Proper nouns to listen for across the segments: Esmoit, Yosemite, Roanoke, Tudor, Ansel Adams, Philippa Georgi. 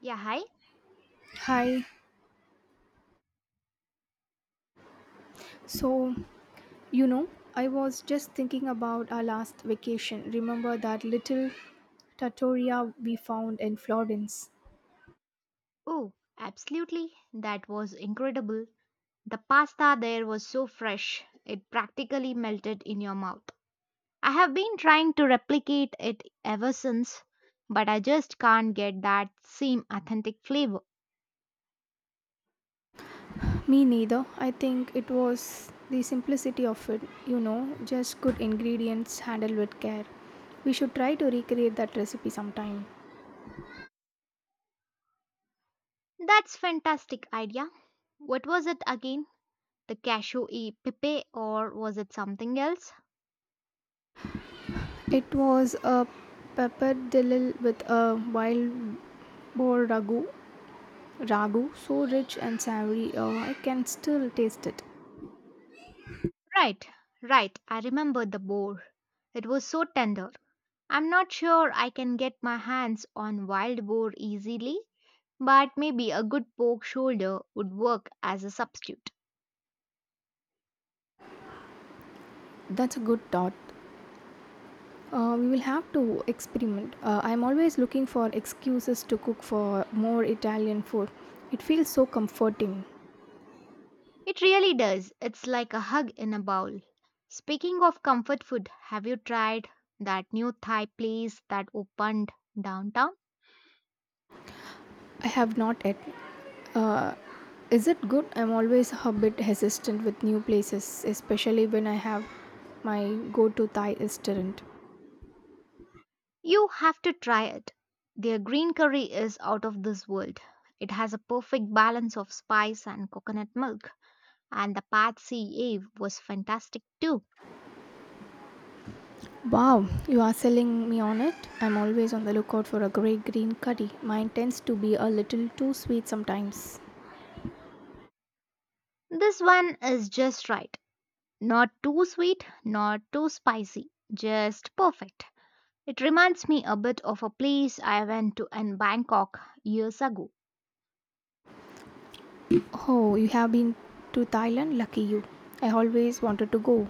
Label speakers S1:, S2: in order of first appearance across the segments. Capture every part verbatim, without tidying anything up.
S1: Yeah, hi.
S2: Hi. So, you know, I was just thinking about our last vacation. Remember that little trattoria we found in Florence?
S1: Oh, absolutely. That was incredible. The pasta there was so fresh, it practically melted in your mouth. I have been trying to replicate it ever since, but I just can't get that same authentic flavor.
S2: Me neither. I think it was the simplicity of it, you know, just good ingredients handled with care. We should try to recreate that recipe sometime.
S1: That's fantastic idea. What was it again? The cashew e pipe or was it something else?
S2: It was a pappardelle with a wild boar ragu, ragu so rich and savory, uh, I can still taste it.
S1: Right, right. I remember the boar. It was so tender. I'm not sure I can get my hands on wild boar easily, but maybe a good pork shoulder would work as a substitute.
S2: That's a good thought. Uh, we will have to experiment. Uh, I'm always looking for excuses to cook for more Italian food. It feels so comforting.
S1: It really does. It's like a hug in a bowl. Speaking of comfort food, have you tried that new Thai place that opened downtown?
S2: I have not yet. Uh, is it good? I'm always a bit hesitant with new places, especially when I have my go to Thai restaurant.
S1: You have to try it. Their green curry is out of this world. It has a perfect balance of spice and coconut milk, and the Pad See Ave was fantastic too.
S2: Wow, you are selling me on it. I'm always on the lookout for a great green curry. Mine tends to be a little too sweet sometimes.
S1: This one is just right. Not too sweet, not too spicy, just perfect. It reminds me a bit of a place I went to in Bangkok years ago.
S2: Oh, you have been to Thailand? Lucky you. I always wanted to go.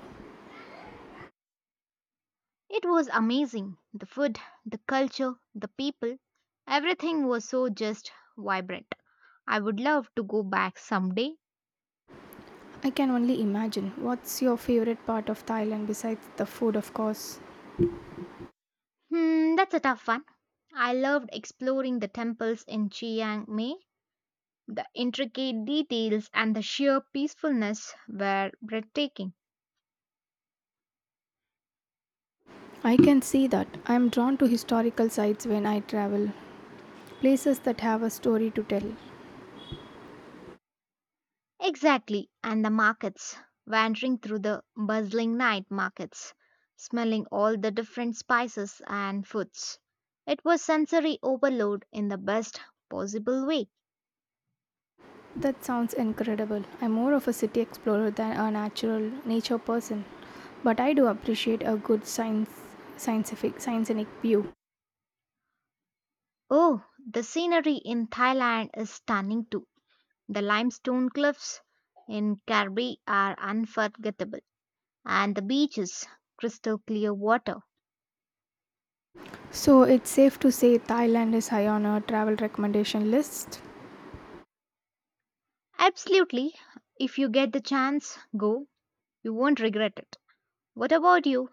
S1: It was amazing. The food, the culture, the people, everything was so just vibrant. I would love to go back someday.
S2: I can only imagine. What's your favorite part of Thailand besides the food, of course?
S1: Hmm, that's a tough one. I loved exploring the temples in Chiang Mai. The intricate details and the sheer peacefulness were breathtaking.
S2: I can see that. I am drawn to historical sites when I travel, places that have a story to tell.
S1: Exactly, and the markets, wandering through the bustling night markets, smelling all the different spices and foods. It was sensory overload in the best possible way.
S2: That sounds incredible. I'm more of a city explorer than a natural nature person, but I do appreciate a good science scientific scientific view.
S1: Oh, the scenery in Thailand is stunning too. The limestone cliffs in Krabi are unforgettable, and the beaches, crystal clear water.
S2: So it's safe to say Thailand is high on our travel recommendation list.
S1: Absolutely, if you get the chance, go. You won't regret it. What about you?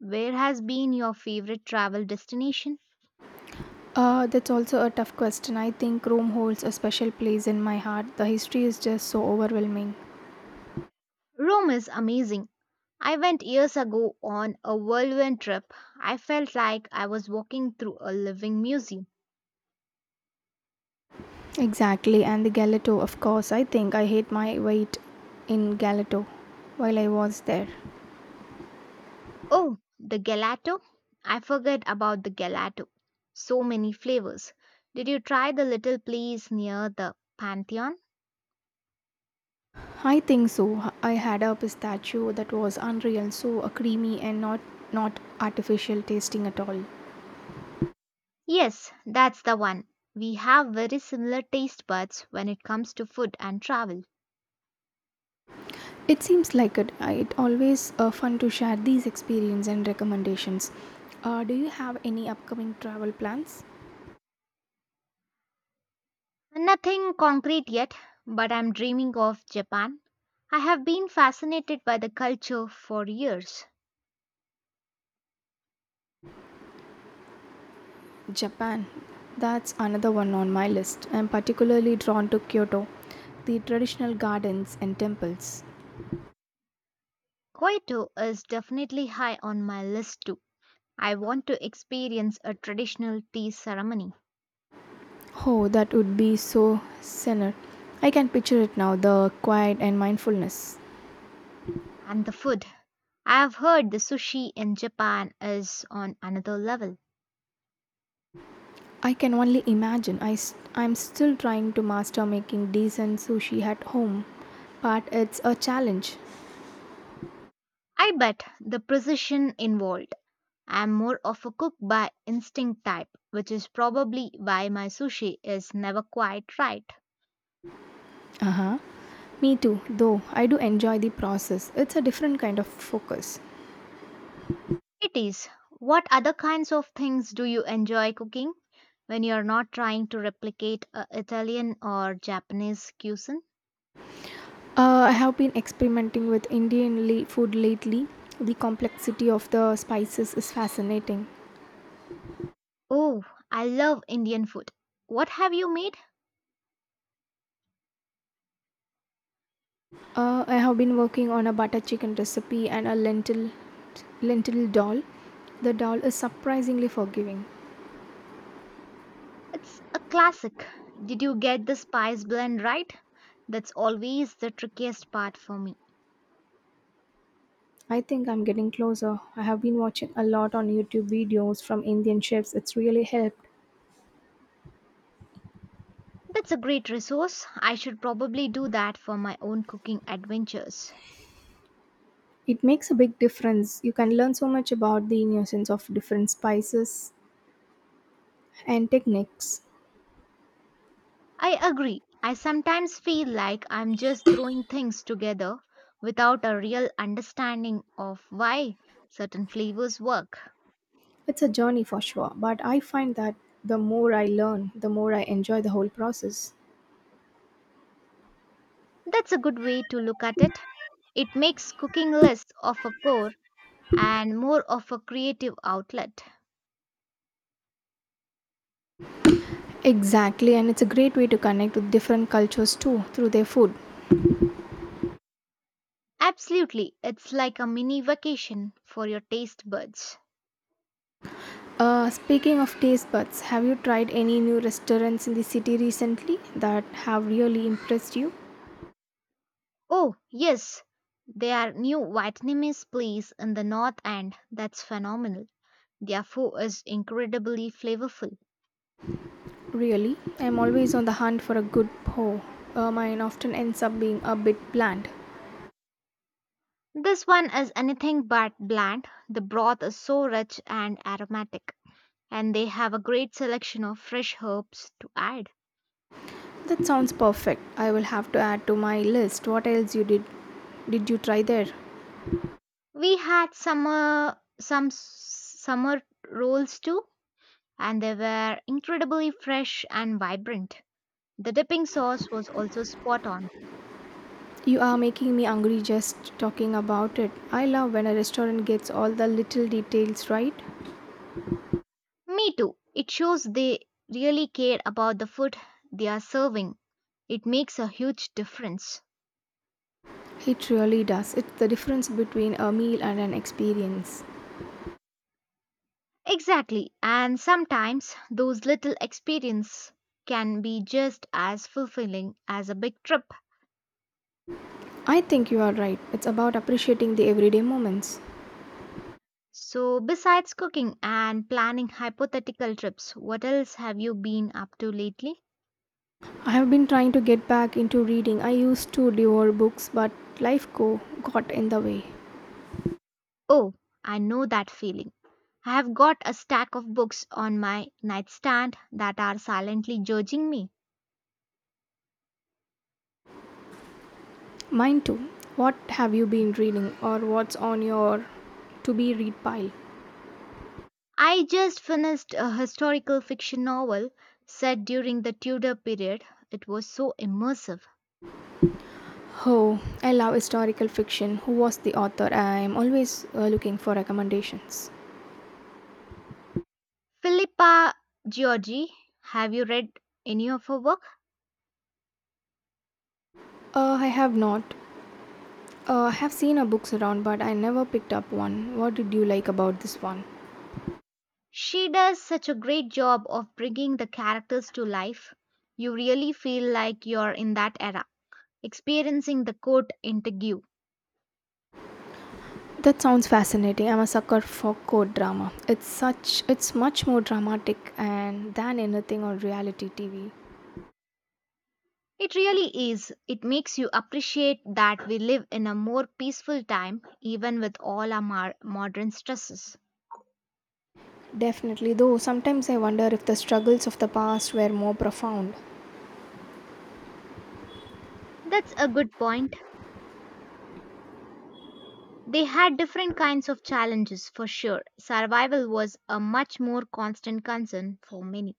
S1: Where has been your favorite travel destination?
S2: Uh, that's also a tough question. I think Rome holds a special place in my heart. The history is just so overwhelming.
S1: Rome is amazing. I went years ago on a whirlwind trip. I felt like I was walking through a living museum.
S2: Exactly, and the Galato, of course. I think I hate my weight in Galato while I was there.
S1: Oh, the gelato? I forget about the gelato. So many flavors. Did you try the little place near the Pantheon?
S2: I think so. I had a pistachio that was unreal, so a creamy and not not artificial tasting at all.
S1: Yes, that's the one. We have very similar taste buds when it comes to food and travel.
S2: It seems like it. I- It always uh, fun to share these experience and recommendations. Uh, do you have any upcoming travel plans?
S1: Nothing concrete yet, but I'm dreaming of Japan. I have been fascinated by the culture for years.
S2: Japan. That's another one on my list. I'm particularly drawn to Kyoto, the traditional gardens and temples.
S1: Kyoto is definitely high on my list too. I want to experience a traditional tea ceremony
S2: Oh, that would be so serene. I can picture it now, the quiet and mindfulness.
S1: and the food. I have heard the sushi in Japan is on another level.
S2: I can only imagine. I am still trying to master making decent sushi at home, but it's a challenge.
S1: I bet the precision involved. I am more of a cook by instinct type, which is probably why my sushi is never quite right.
S2: Uh huh. Me too, though I do enjoy the process. It's a different kind of focus.
S1: It is. What other kinds of things do you enjoy cooking when you're not trying to replicate a Italian or Japanese cuisine?
S2: Uh, I have been experimenting with Indian le- food lately. The complexity of the spices is fascinating.
S1: Oh, I love Indian food. What have you made?
S2: Uh, I have been working on a butter chicken recipe and a lentil lentil dal. The dal is surprisingly forgiving.
S1: It's a classic. Did you get the spice blend right? That's always the trickiest part for me.
S2: I think I'm getting closer. I have been watching a lot on YouTube videos from Indian chefs. It's really helped.
S1: That's a great resource. I should probably do that for my own cooking adventures.
S2: It makes a big difference. You can learn so much about the nuisance of different spices and techniques.
S1: I agree. I sometimes feel like I'm just throwing things together without a real understanding of why certain flavors work.
S2: It's a journey for sure, but I find that the more I learn, the more I enjoy the whole process.
S1: That's a good way to look at it. It makes cooking less of a chore and more of a creative outlet.
S2: Exactly, and it's a great way to connect with different cultures too through their food.
S1: Absolutely, it's like a mini vacation for your taste buds.
S2: Uh, speaking of taste buds, have you tried any new restaurants in the city recently that have really impressed you?
S1: Oh, yes, there are new Vietnamese place in the north end that's phenomenal. Their food is incredibly flavorful.
S2: Really, I'm always on the hunt for a good po. Uh, mine often ends up being a bit bland.
S1: This one is anything but bland. The broth is so rich and aromatic, and they have a great selection of fresh herbs to add.
S2: That sounds perfect. I will have to add to my list. What else you did? Did you try there?
S1: We had summer some s- summer rolls too, and they were incredibly fresh and vibrant. The dipping sauce was also spot on.
S2: You are making me hungry just talking about it. I love when a restaurant gets all the little details right.
S1: Me too. It shows they really care about the food they are serving. It makes a huge difference.
S2: It really does. It's the difference between a meal and an experience.
S1: Exactly, and sometimes those little experiences can be just as fulfilling as a big trip.
S2: I think you are right. It's about appreciating the everyday moments.
S1: So, besides cooking and planning hypothetical trips, what else have you been up to lately?
S2: I have been trying to get back into reading. I used to devour books, but life go got in the way.
S1: Oh, I know that feeling. I have got a stack of books on my nightstand that are silently judging me.
S2: Mine too. What have you been reading or what's on your to be read pile?
S1: I just finished a historical fiction novel set during the Tudor period. It was so immersive.
S2: Oh, I love historical fiction. Who was the author? I am always uh, looking for recommendations.
S1: Philippa Georgi, have you read any of her work?
S2: Uh, I have not. Uh, I have seen her books around, but I never picked up one. What did you like about this one?
S1: She does such a great job of bringing the characters to life. You really feel like you're in that era, experiencing the court interview.
S2: That sounds fascinating. I'm a sucker for court drama. It's such it's much more dramatic and than anything on reality T V.
S1: It really is. It makes you appreciate that we live in a more peaceful time, even with all our mar- modern stresses.
S2: Definitely, though sometimes I wonder if the struggles of the past were more profound.
S1: That's a good point. They had different kinds of challenges for sure. Survival was a much more constant concern for many.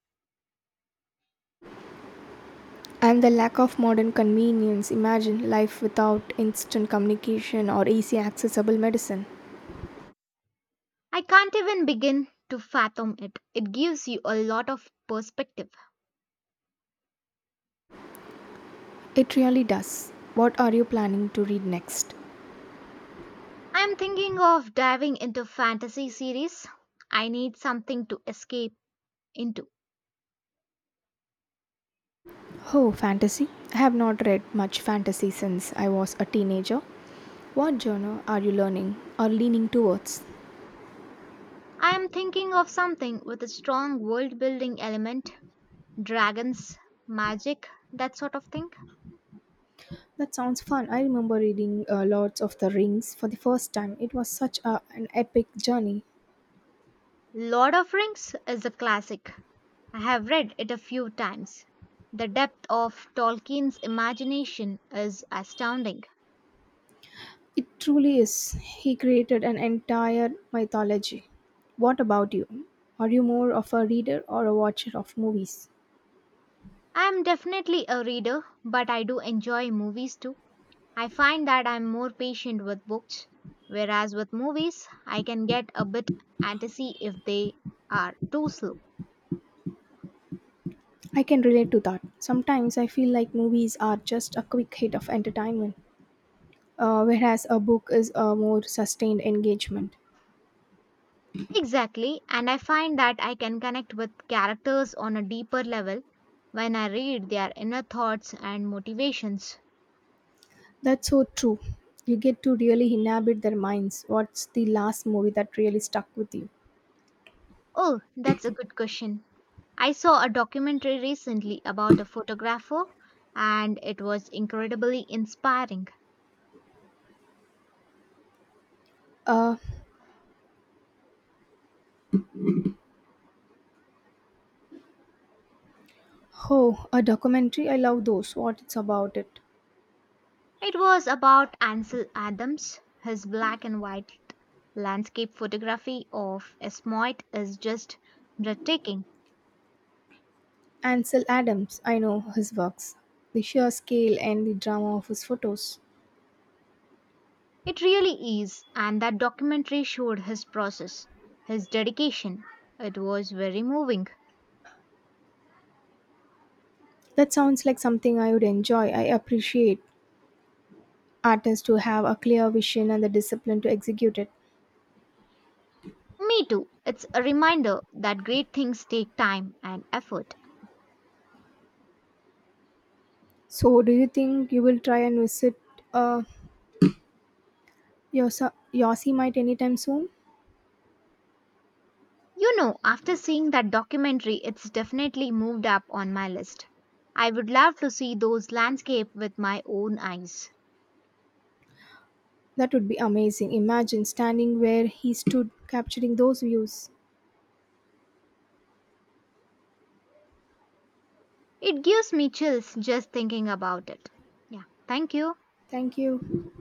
S2: And the lack of modern convenience. Imagine life without instant communication or easy accessible medicine.
S1: I can't even begin to fathom it. It gives you a lot of perspective.
S2: It really does. What are you planning to read next?
S1: I am thinking of diving into fantasy series. I need something to escape into.
S2: Oh, fantasy? I have not read much fantasy since I was a teenager. What genre are you learning or leaning towards?
S1: I am thinking of something with a strong world building element, dragons, magic, that sort of thing.
S2: That sounds fun. I remember reading uh, Lords of the Rings for the first time. It was such a, an epic journey.
S1: Lord of Rings is a classic. I have read it a few times. The depth of Tolkien's imagination is astounding.
S2: It truly is. He created an entire mythology. What about you? Are you more of a reader or a watcher of movies?
S1: I am definitely a reader, but I do enjoy movies too. I find that I'm more patient with books, whereas with movies, I can get a bit antsy if they are too slow.
S2: I can relate to that. Sometimes I feel like movies are just a quick hit of entertainment, uh, whereas a book is a more sustained engagement.
S1: Exactly, and I find that I can connect with characters on a deeper level when I read their inner thoughts and motivations.
S2: That's so true. You get to really inhabit their minds. What's the last movie that really stuck with you?
S1: Oh, that's a good question. I saw a documentary recently about a photographer, and it was incredibly inspiring.
S2: Uh, oh, a documentary. I love those. What it's about it?
S1: It was about Ansel Adams. His black and white landscape photography of Esmoit is just breathtaking.
S2: Ansel Adams, I know his works. The sheer scale and the drama of his photos.
S1: It really is, and that documentary showed his process, his dedication. It was very moving.
S2: That sounds like something I would enjoy. I appreciate artists who have a clear vision and the discipline to execute it.
S1: Me too. It's a reminder that great things take time and effort.
S2: So, do you think you will try and visit uh, Yosa- Yosemite anytime soon?
S1: You know, after seeing that documentary, it's definitely moved up on my list. I would love to see those landscapes with my own eyes.
S2: That would be amazing. Imagine standing where he stood, capturing those views.
S1: It gives me chills just thinking about it. Yeah, thank you.
S2: Thank you.